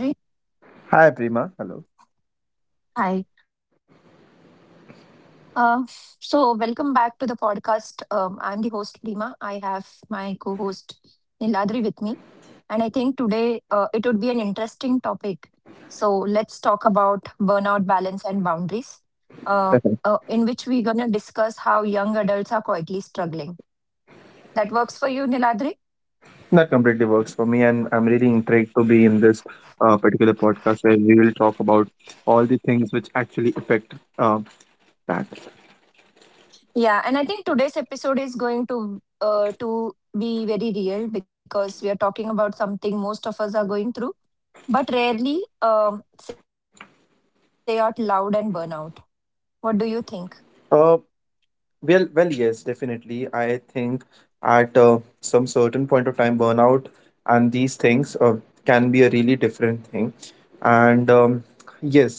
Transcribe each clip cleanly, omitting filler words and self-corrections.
Hi, Niladri. Hi, Prima. Hello. Hi. Uh, so, welcome back to the podcast. I'm the host, Reema. I have my co host, Niladri, with me. And I think today it would be an interesting topic. So, let's talk about burnout balance and boundaries, uh, Definitely. In which we're going to discuss how young adults are quietly struggling. That works for you, Niladri? That completely works for me, and I'm really intrigued to be in this particular podcast where we will talk about all the things which actually affect that. Yeah, and I think today's episode is going to be very real because we are talking about something most of us are going through, but rarely say out loud and burn out. What do you think? Uh, well, yes, definitely. I think at some certain point of time, burnout and these things can be a really different thing. And yes,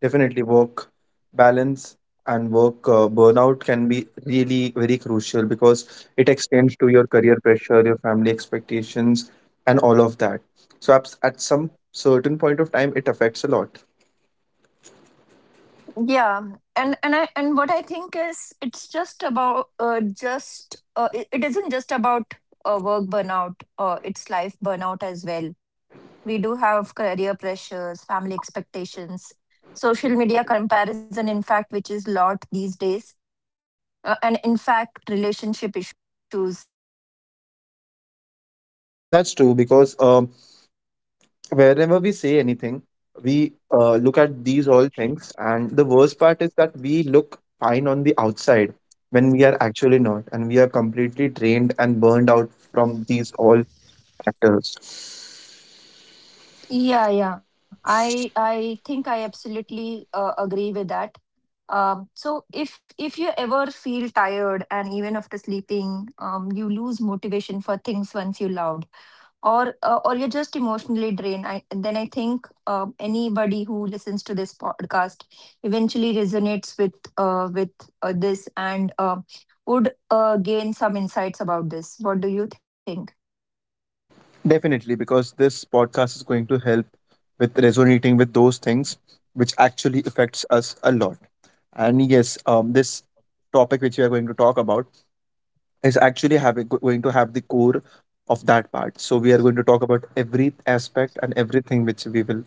definitely, work balance and work burnout can be really very crucial because it extends to your career pressure, your family expectations, and all of that. So, at some certain point of time, it affects a lot. Yeah, and what I think is it's just about just it, it isn't just about work burnout. It's life burnout as well. We do have career pressures, family expectations, social media comparison, in fact, which is lot these days, and in fact, relationship issues. That's true because wherever we say anything, we look at these all things. And the worst part is that we look fine on the outside when we are actually not. And we are completely drained and burned out from these all factors. Yeah, yeah. I think I absolutely agree with that. So if you ever feel tired and even after sleeping, you lose motivation for things once you loved, or you're just emotionally drained. I then I think anybody who listens to this podcast eventually resonates with this and would gain some insights about this. What do you think? Definitely, because this podcast is going to help with resonating with those things which actually affects us a lot. And yes, this topic which we are going to talk about is actually going to have the core of that part. So we are going to talk about every aspect and everything which we will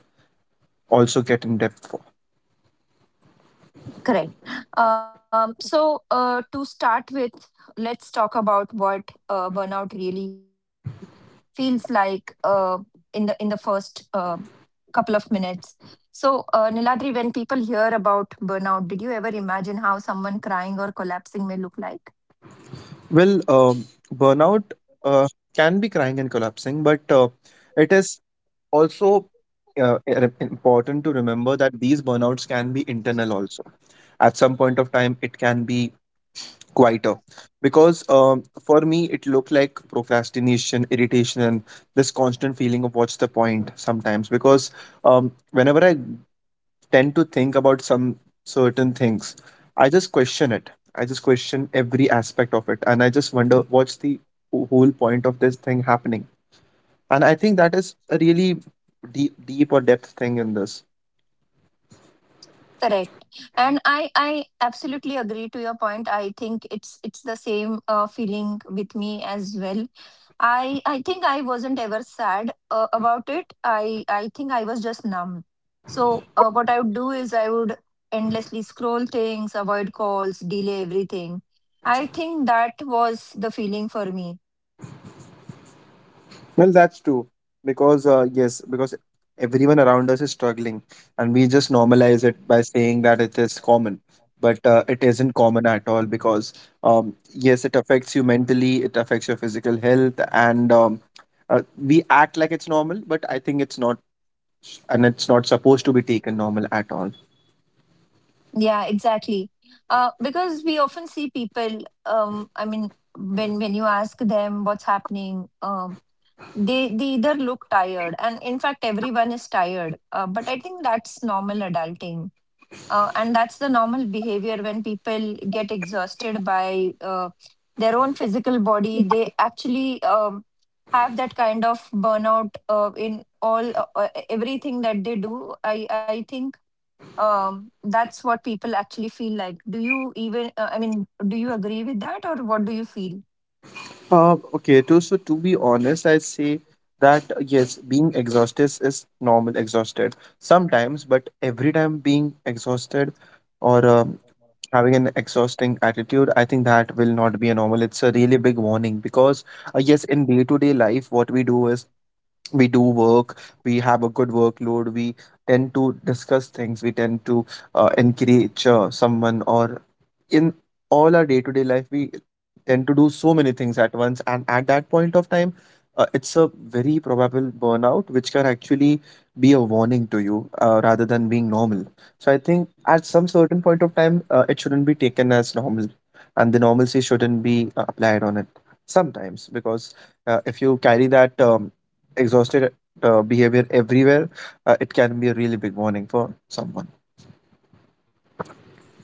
also get in depth for. Correct. To start with, let's talk about what burnout really feels like in the first couple of minutes. So, Niladri, when people hear about burnout, did you ever imagine how someone crying or collapsing may look like? Well, burnout uh, can be crying and collapsing, but it is also important to remember that these burnouts can be internal also. At some point of time, it can be quieter because for me it looked like procrastination irritation and this constant feeling of what's the point sometimes because um, whenever I tend to think about some certain things, I just question it, I just question every aspect of it, and I just wonder what's the whole point of this thing happening. And I think that is a really deep or depth thing in this. Correct. And I absolutely agree to your point. I think it's the same feeling with me as well. I think I wasn't ever sad about it. I think I was just numb. So what I would do is I would endlessly scroll things, avoid calls, delay everything. I think that was the feeling for me. Well, that's true. Because, yes, because everyone around us is struggling, and we just normalize it by saying that it is common. But it isn't common at all because, yes, it affects you mentally, it affects your physical health, and we act like it's normal, but I think it's not, and it's not supposed to be taken normal at all. Yeah, exactly. Because we often see people. I mean, when you ask them what's happening, they either look tired, and in fact, everyone is tired. But I think that's normal adulting, and that's the normal behavior when people get exhausted by their own physical body. They actually have that kind of burnout in all everything that they do. I think that's what people actually feel like. Do you even? I mean, do you agree with that, or what do you feel? Okay, so to be honest, I say that yes, being exhausted is normal, exhausted sometimes, but every time being exhausted or having an exhausting attitude, I think that will not be a normal. It's a really big warning because, yes, in day to day life, what we do is we do work, we have a good workload, we tend to discuss things, we tend to encourage someone, or in all our day to day life, we tend to do so many things at once, and at that point of time it's a very probable burnout which can actually be a warning to you rather than being normal. So I think at some certain point of time it shouldn't be taken as normal, and the normalcy shouldn't be applied on it sometimes because if you carry that exhausted behavior everywhere, it can be a really big warning for someone.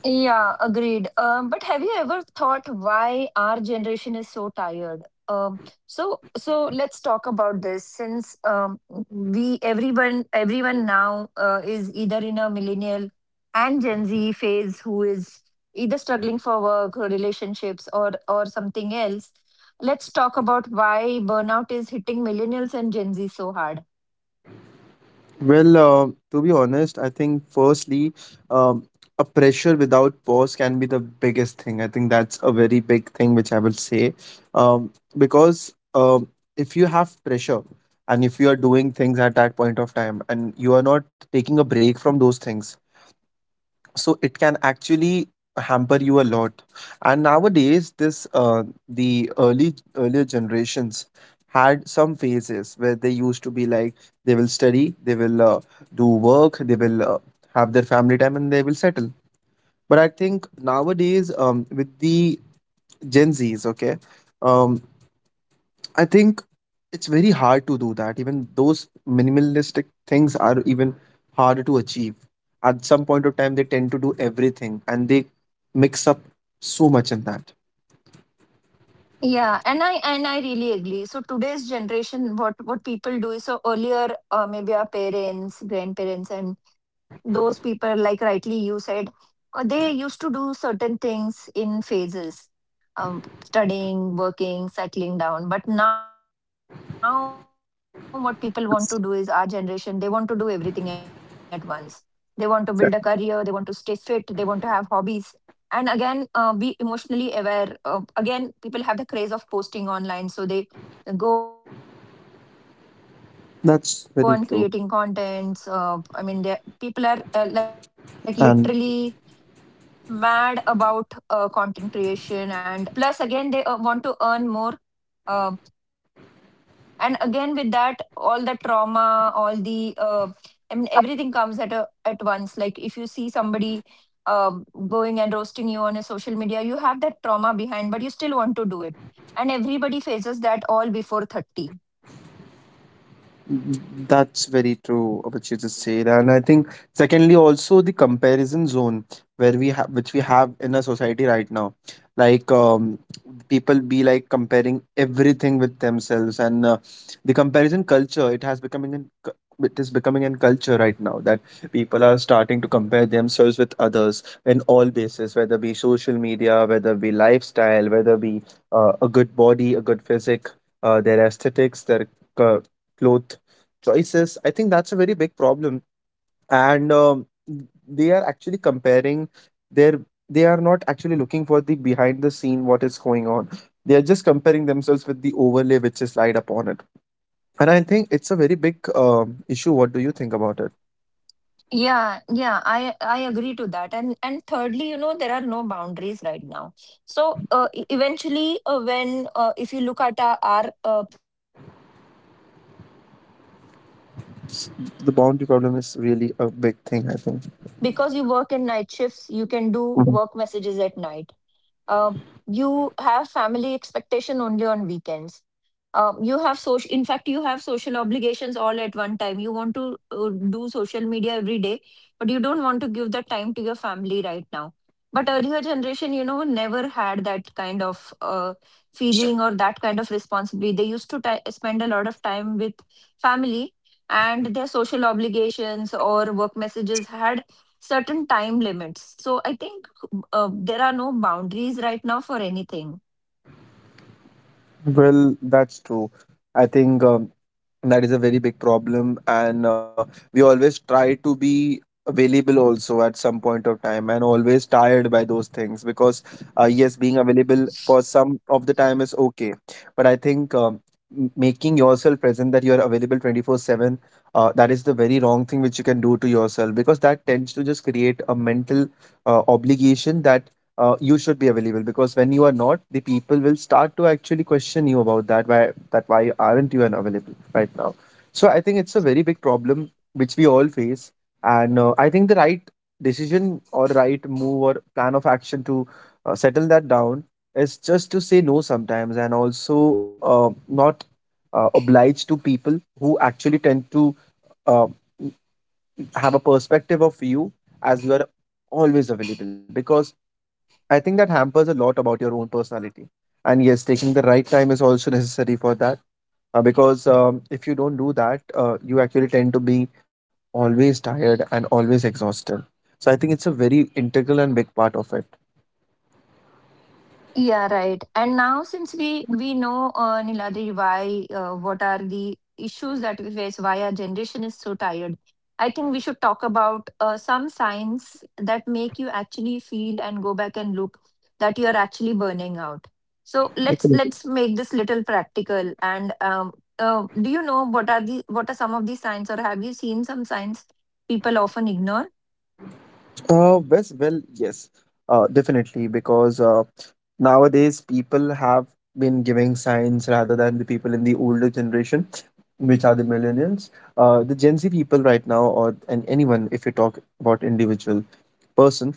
Yeah, agreed. But have you ever thought why our generation is so tired? So let's talk about this since we everyone everyone now is either in a millennial and Gen Z phase who is either struggling for work or relationships or something else. Let's talk about why burnout is hitting millennials and Gen Z so hard. Well, to be honest, I think firstly, um, a pressure without pause can be the biggest thing. I think that's a very big thing which I will say, um, because if you have pressure and if you are doing things at that point of time and you are not taking a break from those things, so it can actually hamper you a lot. And nowadays this the early earlier generations had some phases where they used to be like they will study, they will do work, they will have their family time, and they will settle. But I think nowadays with the Gen Z's, okay, um, I think it's very hard to do that. Even those minimalistic things are even harder to achieve. At some point of time, they tend to do everything and they mix up so much in that. Yeah, and I really agree. So today's generation, what people do is so earlier, maybe our parents, grandparents, and those people, like rightly you said, they used to do certain things in phases, studying, working, settling down. But now, what people want to do is our generation. They want to do everything at once. They want to build a career. They want to stay fit. They want to have hobbies and again be emotionally aware, again people have the craze of posting online, so they go on creating contents, I That's mean very they true. people are like literally mad about And content creation, and getting that name and fame everywhere, uh, plus again they want to earn more, uh, and again with that, all the trauma, all the everything comes at at once. Like if you see somebody um, going and roasting you on a social media, you have that trauma behind, but you still want to do it, and everybody faces that all before 30. that's very true, what you just said. And I think secondly, also the comparison zone where we have which we have in our society right now. Like people be like comparing everything with themselves, and the comparison culture, it has becoming an cu- it is becoming a culture right now that people are starting to compare themselves with others in all bases, whether be social media, whether be lifestyle, whether be a good body, a good physique, their aesthetics, their uh, clothes choices. I think that's a very big problem. And they are actually comparing their they are not actually looking for the behind the scene what is going on. They are just comparing themselves with the overlay which is laid upon it. And I think it's a very big issue. What do you think about it? Yeah, yeah, I agree to that. And thirdly, you know, there are no boundaries right now. So e- eventually, when if you look at our previous generations, they had time limitations to everything S- that they used to the do. boundary problem is Like really a big thing, I now, think. because you work in night shifts, you can Mhm. do work messages at night, uh, you have family expectation only on weekends, you have social in fact you have social obligations all at one time. You want to do social media every day, but you don't want to give that time to your family right now. But earlier generation, you know, never had that kind of feeling or that kind of responsibility. They used to ti spend a lot of time with family, and their social obligations or work messages had certain time limits. So I think there are no boundaries right now for anything. Well, that's true. I think that is a very big problem, and we always try to be available also at some point of time and always tired by those things because yes, being available for some of the time is okay, but I think making yourself present that you are available 24/7, that is the very wrong thing which you can do to yourself, because that tends to just create a mental obligation that you should be available, because when you are not, the people will start to actually question you about that. Why aren't you available right now? So I think it's a very big problem which we all face, and I think the right decision or right move or plan of action to settle that down is just to say no sometimes, and also not oblige to people who actually tend to uh, have a perspective of you as you are always available, because I think that hampers a lot about your own personality. And yes, taking the right time is also necessary for that. Because if you don't do that, you actually tend to be always tired and always exhausted. So I think it's a very integral and big part of it. Yeah, right. And now, since we know, Niladri, why, what are the issues that we face, why our generation is so tired, I think we should talk about some signs that make you actually feel and go back and look that you are actually burning out. So let's Definitely. let's make this little practical. And do you know what are some of the signs, or have you seen some signs people often ignore? Uh, yes, well, yes, definitely. Because nowadays people have been giving signs rather than the people in the older generation which are the millennials, the Gen Z people right now, or and anyone, if you talk about individual person,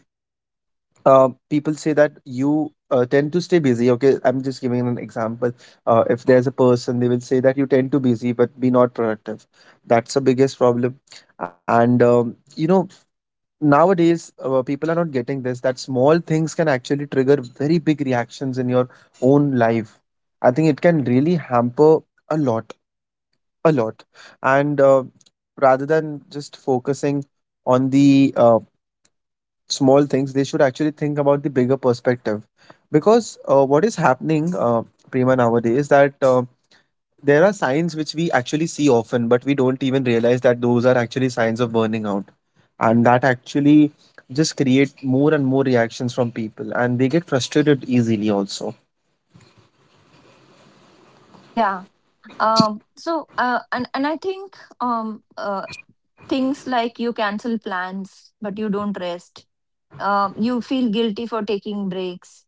people say that you tend to stay busy. Okay, I'm just giving an example. If there's a person, they will say that you tend to busy but be not productive. That's the biggest problem. And you know, nowadays people are not getting this that small things can actually trigger very big reactions in your own life. I think it can really hamper a lot a lot and rather than just focusing on the small things, they should actually think about the bigger perspective, because what is happening prima nowadays is that there are signs which we actually see often, but we don't even realize that those are actually signs of burning out, and that actually just create more and more reactions from people, and they get frustrated easily also. Yeah. So and I think Things like you cancel plans, but you don't rest. You feel guilty for taking breaks.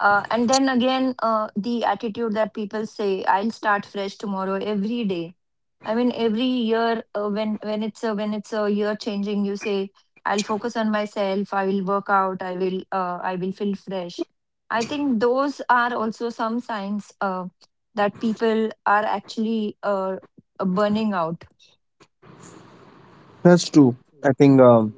And then again, the attitude that people say, I'll start fresh tomorrow every day. I mean, every year, when it's a year changing, you say, I'll focus on myself. I will work out. I will feel fresh. I think those are also some signs that people are actually burning out. That's true. I think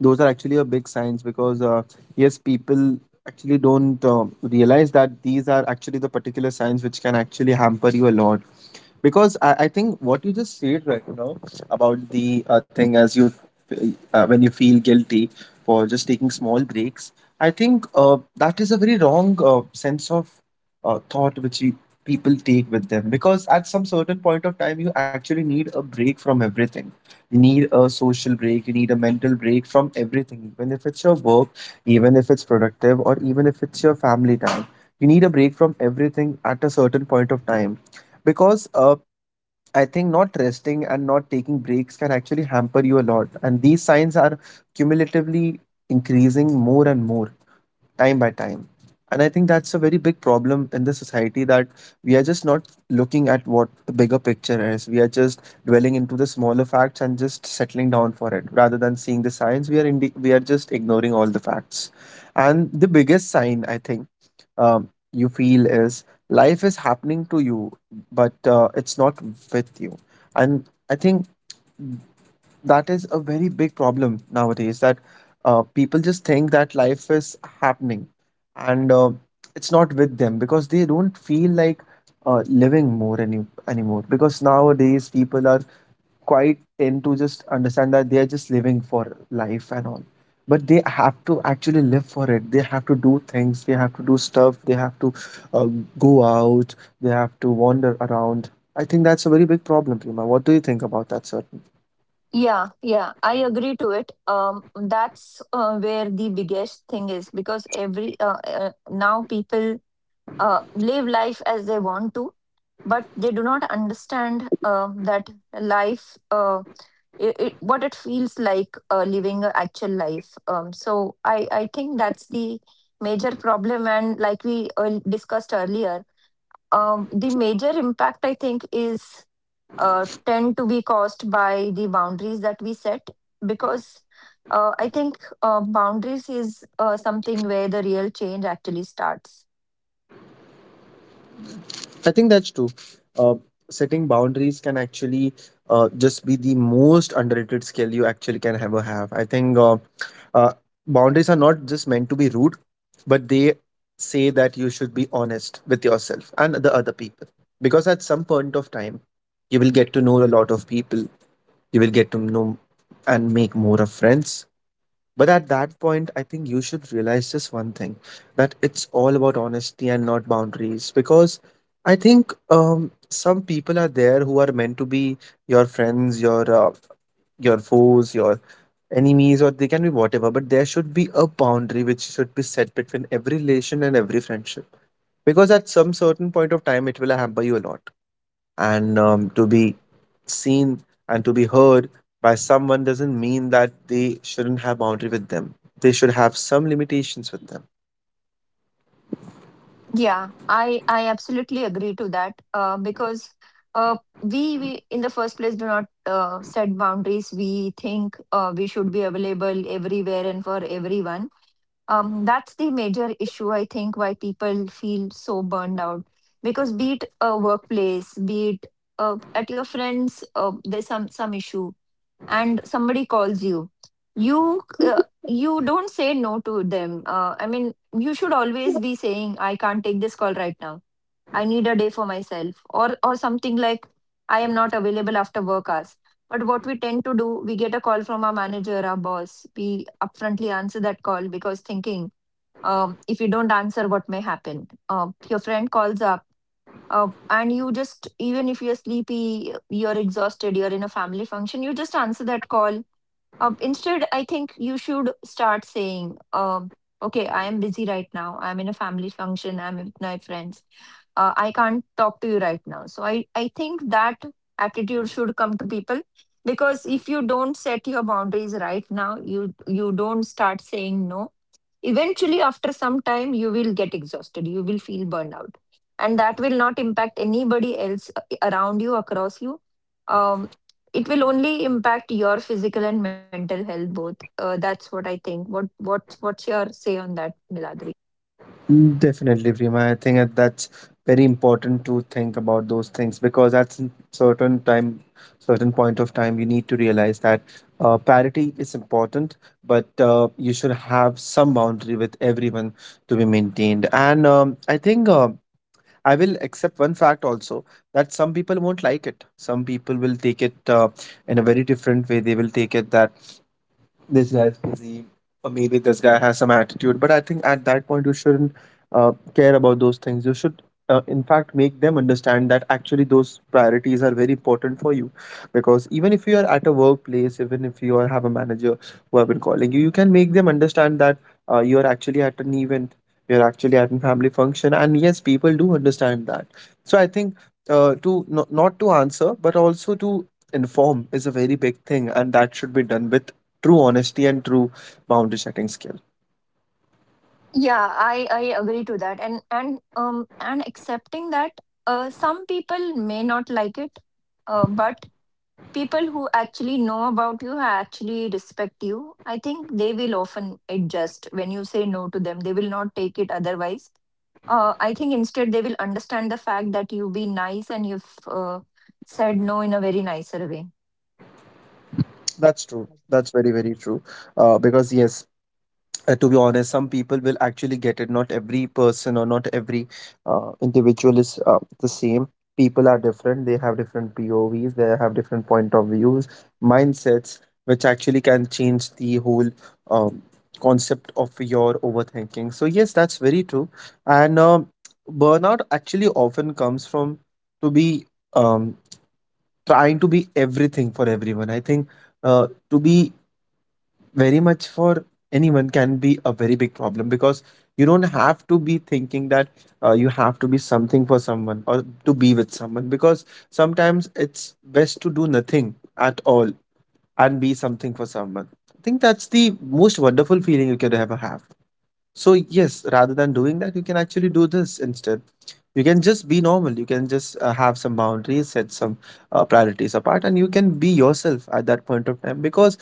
those are actually a big science because yes, people actually don't realize that these are actually the particular signs which can actually hamper you a lot, because I think what you just said right now about the thing as you when you feel guilty for just taking small breaks, I think that is a very wrong sense of thought which people take with them, because at some certain point of time you actually need a break from everything. You need a social break, you need a mental break from everything, even if it's your work, even if it's productive, or even if it's your family time. You need a break from everything at a certain point of time, because I think not resting and not taking breaks can actually hamper you a lot. And these signs are cumulatively increasing more and more time by time. And I think that's a very big problem in the society, that we are just not looking at what the bigger picture is. We are just dwelling into the smaller facts and just settling down for it rather than seeing the signs. We are just ignoring all the facts. And the biggest sign I think you feel is life is happening to you, but it's not with you. And I think that is a very big problem nowadays that people just think that life is happening and it's not with them because they don't feel like living more anymore because nowadays people are quite tend to just understand that they are just living for life and all, but they have to actually live for it. They have to do things, they have to do stuff, they have to uh, go out, they have to wander around. I think that's a very big problem, Prima. What do you think about that, sir? Yeah, yeah, I agree to it. That's where the biggest thing is, because every now people live life as they want to, but they do not understand that life, what it feels like living an actual life. So I think that's the major problem. And like we discussed earlier, the major impact I think is tend to be caused by the boundaries that we set, because I think boundaries is something where the real change actually starts. I think that's true. Uh, Setting boundaries can actually just be the most underrated skill you actually can ever have. I think uh, boundaries are not just meant to be rude, but they say that you should be honest with yourself and the other people. Because at some point of time, you will get to know a lot of people, you will get to know and make more of friends. But at that point, I think you should realize just one thing, that it's all about honesty and not boundaries. Because I think some people are there who are meant to be your friends, your foes, your enemies, or they can be whatever. But there should be a boundary which should be set between every relation and every friendship. Because at some certain point of time, it will hamper you a lot. And to be seen and to be heard by someone doesn't mean that they shouldn't have boundary with them. They should have some limitations with them. Yeah, I absolutely agree to that, because uh, we in the first place do not set boundaries. We think we should be available everywhere and for everyone, that's the major issue, I think, why people feel so burned out, because be it a workplace, be it at your friends, there's some issue and somebody calls you. You don't say no to them. I mean, you should always be saying, I can't take this call right now. I need a day for myself, or something like, I am not available after work hours. But what we tend to do, we get a call from our manager, our boss. We upfrontly answer that call because thinking, if you don't answer, what may happen? Your friend calls up, and you just, even if you're sleepy, you're exhausted, you're in a family function, you just answer that call. Instead, I think you should start saying, okay, I am busy right now. I'm in a family function. I'm with my friends. I can't talk to you right now. So I think that attitude should come to people, because if you don't set your boundaries right now, you don't start saying no. Eventually, after some time, you will get exhausted. You will feel burnout, and that will not impact anybody else around you, across you. Um, it will only impact your physical and mental health both. That's what I think. What's your say on that, Miladri? Mm, definitely, Prima. I think that's very important to think about those things, because at some certain time, certain point of time, you need to realize that parity is important, but you should have some boundary with everyone to be maintained. And I think I will accept one fact also, that some people won't like it. Some people will take it in a very different way. They will take it that this guy is busy, or maybe this guy has some attitude. But I think at that point, you shouldn't care about those things. You should, in fact, make them understand that actually those priorities are very important for you. Because even if you are at a workplace, even if you are, have a manager who have been calling you, you can make them understand that you are actually at an event, you're actually at a family function. And yes, people do understand that. So I think to no, not to answer, but also to inform is a very big thing, and that should be done with true honesty and true boundary setting skill. Yeah, I agree to that, and accepting that some people may not like it, but people who actually know about you, who actually respect you. I think they will often adjust when you say no to them. They will not take it otherwise. I think instead they will understand the fact that you've been nice and you've said no in a very nicer way. That's true. That's very, very true. Because, yes, to be honest, some people will actually get it. Not every person or not every individual is the same. People are different. They have different POVs, they have different point of views, mindsets, which actually can change the whole um, concept of your overthinking. So, yes, that's very true. And burnout actually often comes from to be um, trying to be everything for everyone. I think to be very much for anyone can be a very big problem, because you don't have to be thinking that you have to be something for someone or to be with someone, because sometimes it's best to do nothing at all and be something for someone. I think that's the most wonderful feeling you can ever have. So yes, rather than doing that, you can actually do this instead. You can just be normal. You can just have some boundaries, set some priorities apart, and you can be yourself at that point of time. Because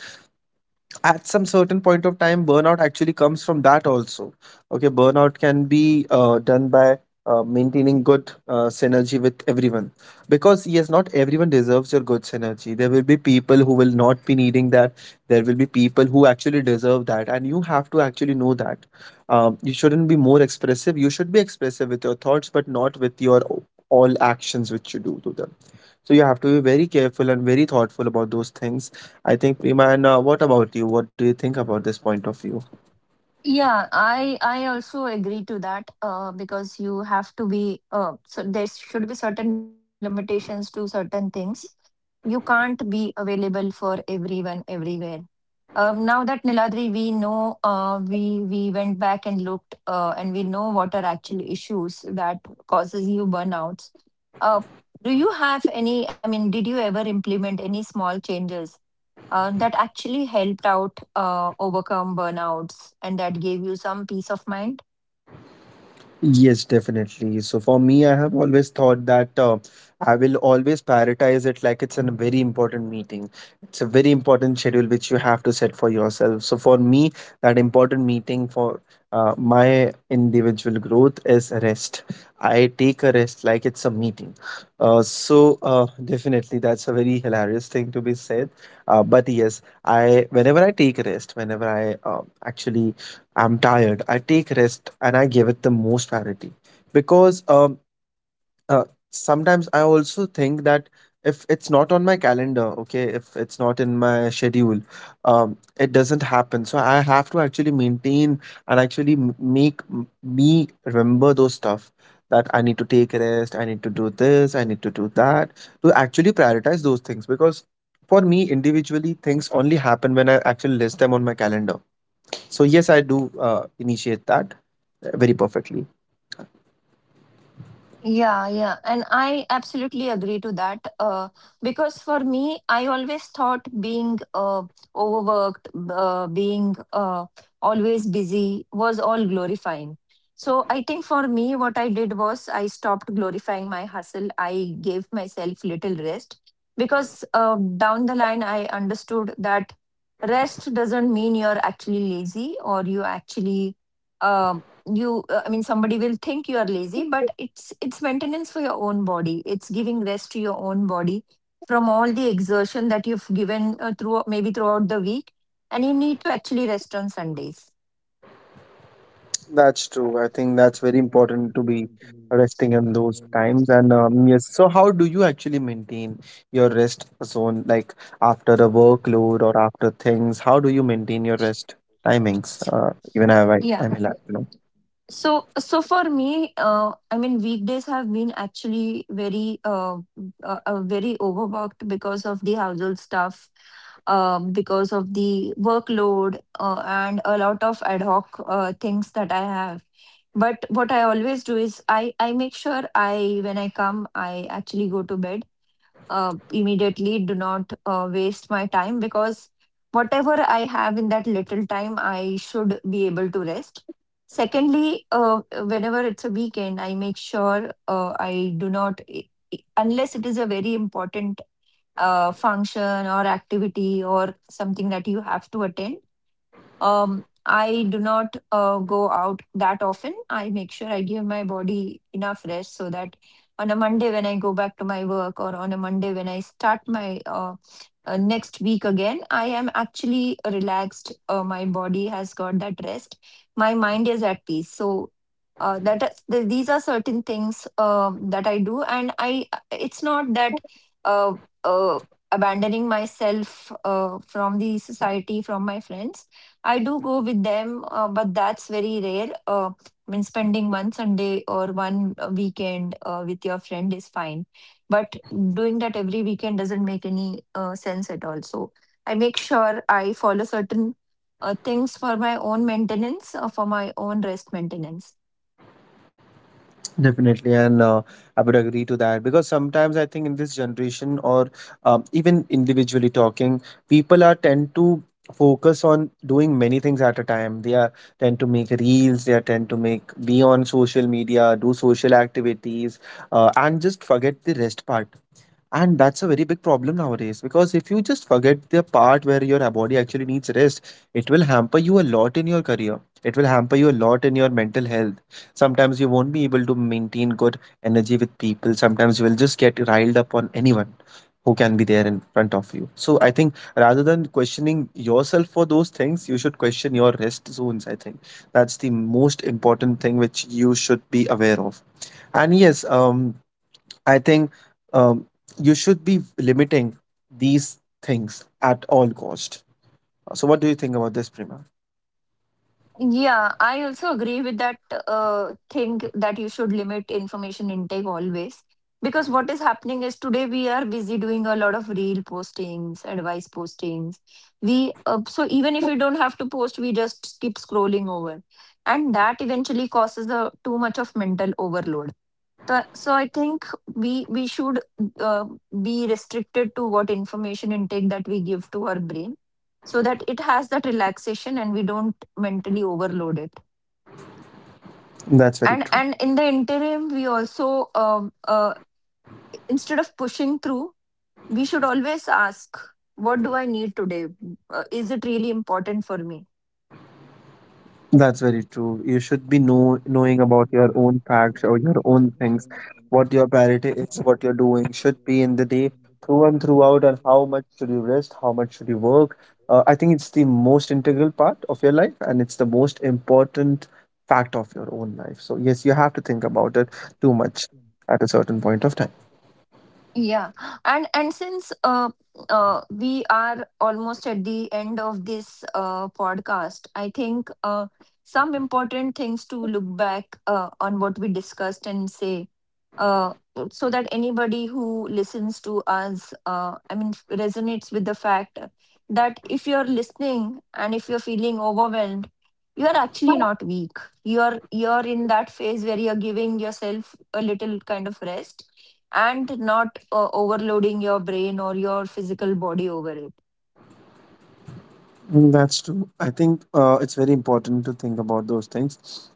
at some certain point of time, burnout actually comes from that also. Okay, burnout can be done by maintaining good synergy with everyone, because yes, not everyone deserves your good synergy. There will be people who will not be needing that, there will be people who actually deserve that, and you have to actually know that you shouldn't be more expressive. You should be expressive with your thoughts, but not with your all actions which you do to them. So you have to be very careful and very thoughtful about those things, I think, Prima. And what about you? What do you think about this point of view? Yeah, I also agree to that, because you have to be so there should be certain limitations to certain things. You can't be available for everyone everywhere. Now that Niladri, we know we went back and looked, and we know what are actual issues that causes you burnouts. Uh, do you have any? I mean, did you ever implement any small changes that actually helped out overcome burnouts and that gave you some peace of mind? Yes, definitely. So for me, I have always thought that I will always prioritize it like it's a very important meeting. It's a very important schedule which you have to set for yourself. So for me, that important meeting for my individual growth is rest. I take a rest like it's a meeting. So definitely, that's a very hilarious thing to be said. But yes, I whenever I take rest, whenever I actually I'm tired. I take rest and I give it the most priority, because uh, sometimes I also think that if it's not on my calendar, okay, if it's not in my schedule, it doesn't happen. So I have to actually maintain and actually make me remember those stuff, that I need to take rest, I need to do this, I need to do that, to actually prioritize those things, because for me individually things only happen when I actually list them on my calendar. So yes, I do initiate that very perfectly. Yeah, yeah. And I absolutely agree to that. Because for me, I always thought being overworked, being always busy was all glorifying. So I think for me, what I did was I stopped glorifying my hustle. I gave myself little rest because down the line, I understood that rest doesn't mean you're actually lazy or you actually. uh, you I mean somebody will think you are lazy, but it's maintenance for your own body, it's giving rest to your own body from all the exertion that you've given through maybe throughout the week, and you need to actually rest on Sundays. That's true. I think that's very important to be resting in those times. And yes, so how do you actually maintain your rest zone, like after a workload or after things? How do you maintain your rest timings? Even Yeah. I mean, like, you know. So for me, I mean, weekdays have been actually very, very overworked because of the household stuff, because of the workload, and a lot of ad hoc things that I have. But what I always do is I make sure I, when I come, I actually go to bed immediately, do not waste my time because whatever I have in that little time I should be able to rest. Secondly, whenever it's a weekend, I make sure I do not I- I- unless it is a very important function or activity or something that you have to attend, I do not go out that often. I make sure I give my body enough rest so that on a Monday when I go back to my work, or on a Monday when I start my next week again, I am actually relaxed. My body has got that rest, my mind is at peace. So these are certain things that I do, and I it's not that uh, uh, abandoning myself from the society, from my friends. I do go with them, but that's very rare. I mean, spending one Sunday or one weekend with your friend is fine, but doing that every weekend doesn't make any sense at all. So I make sure I follow certain things for my own maintenance, for my own rest maintenance. Definitely, and I would agree to that, because sometimes I think in this generation, or even individually talking, people are tend to focus on doing many things at a time. They are tend to make reels, they are tend to make be on social media, do social activities, and just forget the rest part. And that's a very big problem nowadays, because if you just forget the part where your body actually needs rest, it will hamper you a lot in your career. It will hamper you a lot in your mental health. Sometimes you won't be able to maintain good energy with people. Sometimes you will just get riled up on anyone who can be there in front of you. So I think rather than questioning yourself for those things, you should question your rest zones. I think that's the most important thing which you should be aware of. And yes, I think um, you should be limiting these things at all cost. So, what do you think about this, Prima? Yeah, I also agree with that thing that you should limit information intake always. Because what is happening is today we are busy doing a lot of reel postings, advice postings. We so even if we don't have to post, we just keep scrolling over, and that eventually causes a too much of mental overload. So I think we should uh, be restricted to what information intake that we give to our brain, so that it has that relaxation and we don't mentally overload it. That's very And Mhm. true. And in the interim, we also um, uh, instead of pushing through, we should always ask, what do I need today? Is it really important for me? That's very true. You should be knowing about your own facts or your own things, what your priority is, what you're doing should be in the day through and throughout, and how much should you rest, how much should you work. I think it's the most integral part of your life, and it's the most important fact of your own life. So yes, you have to think about it too much at a certain point of time. Yeah, and since we are almost at the end of this podcast, I think some important things to look back on what we discussed and say, uh, so that anybody who listens to us, I mean, resonates with the fact that if you're listening and if you're feeling overwhelmed, you are actually not weak. You're in that phase where you're giving yourself a little kind of rest and not overloading your brain or your physical body over it. Mm, that's true. I think it's very important to think about those things,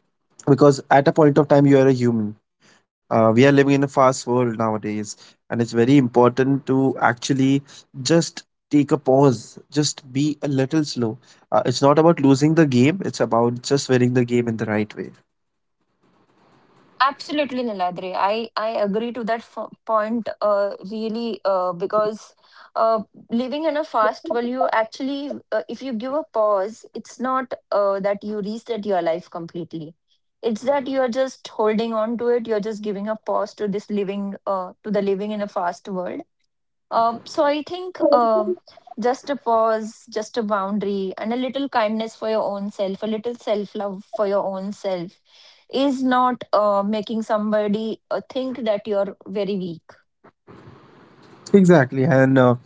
because at a point of time, you are a human. We are living in a fast world nowadays, and it's very important to actually just take a pause, just be a little slow. It's not about losing the game, it's about just winning the game in the right way. Absolutely, Niladri. I agree to that point, really, because uh, living in a fast, well, you actually, if you give a pause, it's not that you reset your life completely. It's that you're just holding on to it. You're just giving a pause to this living, to the living in a fast world. So I think just a pause, just a boundary, and a little kindness for your own self, a little self love for your own self is not making somebody think that you're very weak. Exactly, and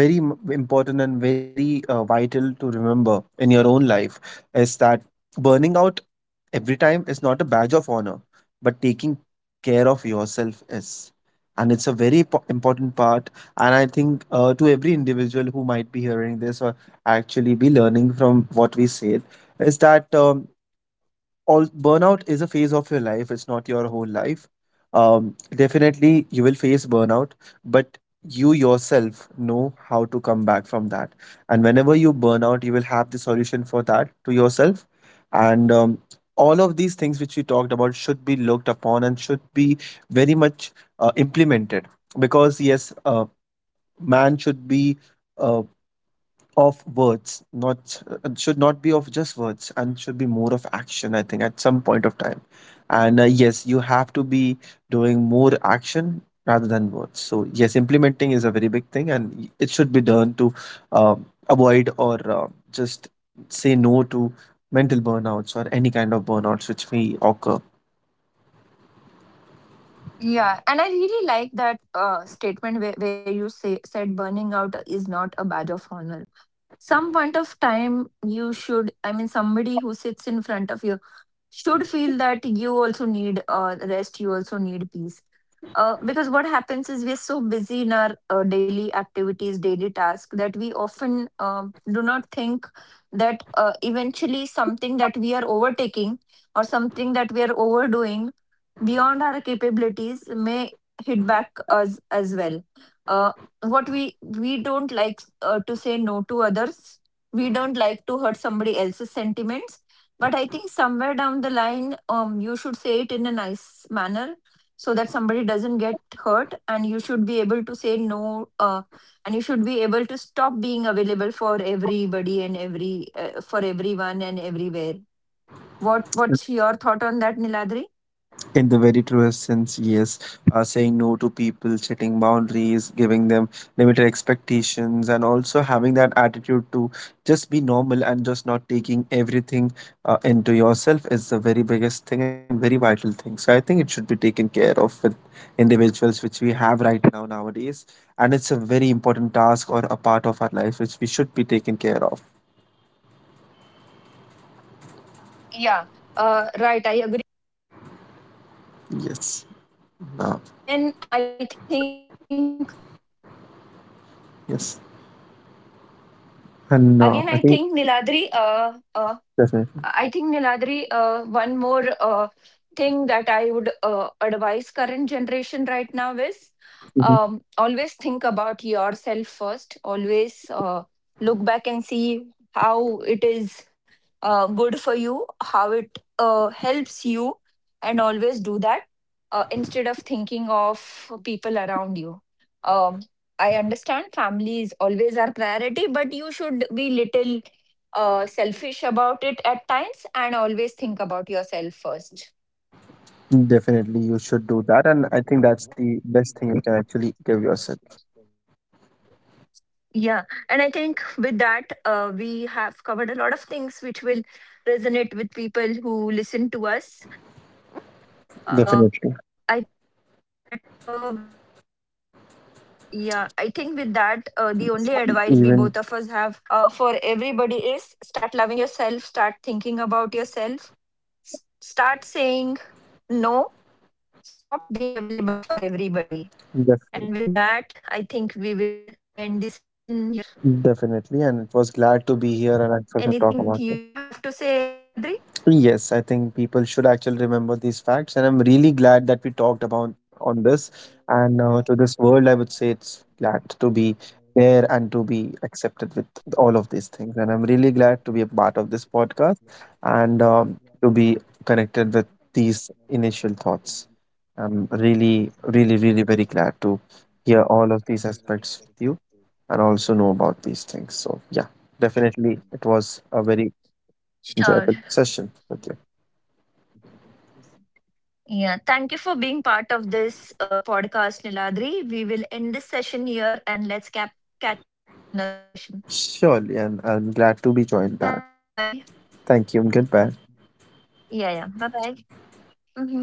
very important and very vital to remember in your own life is that burning out every time is not a badge of honor, but taking care of yourself is. And it's a very important part. And I think to every individual who might be hearing this or actually be learning from what we said, is that all burnout is a phase of your life, it's not your whole life. Um, definitely you will face burnout, but you yourself know how to come back from that, and whenever you burn out you will have the solution for that to yourself. And all of these things which we talked about should be looked upon and should be very much implemented, because yes, man should be uh, of words, not should not be of just words, and should be more of action. I think at some point of time, and yes, you have to be doing more action rather than words. So yes, implementing is a very big thing, and it should be done to uh, avoid or just say no to mental burnouts or any kind of burnouts which may occur. Yeah, and I really like that statement where you say said burning out is not a badge of honor. Some point of time you should, I mean, somebody who sits in front of you should feel that you also need rest, you also need peace, because what happens is we're so busy in our daily activities, daily tasks, that we often do not think that eventually something that we are overtaking or something that we are overdoing beyond our capabilities may hit back us as well. Uh, what we don't like to say no to others, we don't like to hurt somebody else's sentiments, but I think somewhere down the line, you should say it in a nice manner so that somebody doesn't get hurt, and you should be able to say no, and you should be able to stop being available for everybody and every for everyone and everywhere. What's your thought on that, Niladri? In the very truest sense, yes. Saying no to people, setting boundaries, giving them limited expectations, and also having that attitude to just be normal and just not taking everything into yourself is the very biggest thing and very vital thing. So I think it should be taken care of with individuals which we have right now nowadays, and it's a very important task or a part of our life which we should be taken care of. Yeah, right, I agree. uh, Yes. again i Uh, think yes. And again I I think think niladri definitely. I think Niladri, one more thing that I would advise current generation right now is, Mm-hmm. Always think about yourself first. Always look back and see how it is good for you, how it helps you, and always do that instead of thinking of people around you. Um, I understand family is always our priority, but you should be little selfish about it at times and always think about yourself first. Definitely, you should do that, and I think that's the best thing you can actually give yourself. Yeah, and I think with that, we have covered a lot of things which will resonate with people who listen to us. Uh, I think with that, Definitely, we, yeah, I think with that, the only advice we both of us have for everybody even is start loving yourself, start thinking about yourself, start saying no, stop being available for everybody. And with that, I think we will def- end the session here. definitely, and it was glad to be here and Anything that actually talk you about. have to say, Niladri? Yes, I think people should actually remember these facts, and I'm really glad that we talked about on this. And to this world, I would say it's glad to be there and to be accepted with all of these things. And I'm really glad to be a part of this podcast, and to be connected with these initial thoughts. I'm really, really, really very glad to hear all of these aspects with you and also know about these things. So yeah, definitely, it was a very enjoyable Sure. session with you. Yeah. Thank you for being part of this podcast, Niladri. We will end this session here and let's catch up in another session. Surely, and I'm glad to be joined Thanks. Bye back. bye. Thank you. Goodbye. Yeah, yeah. Bye bye. Hmm.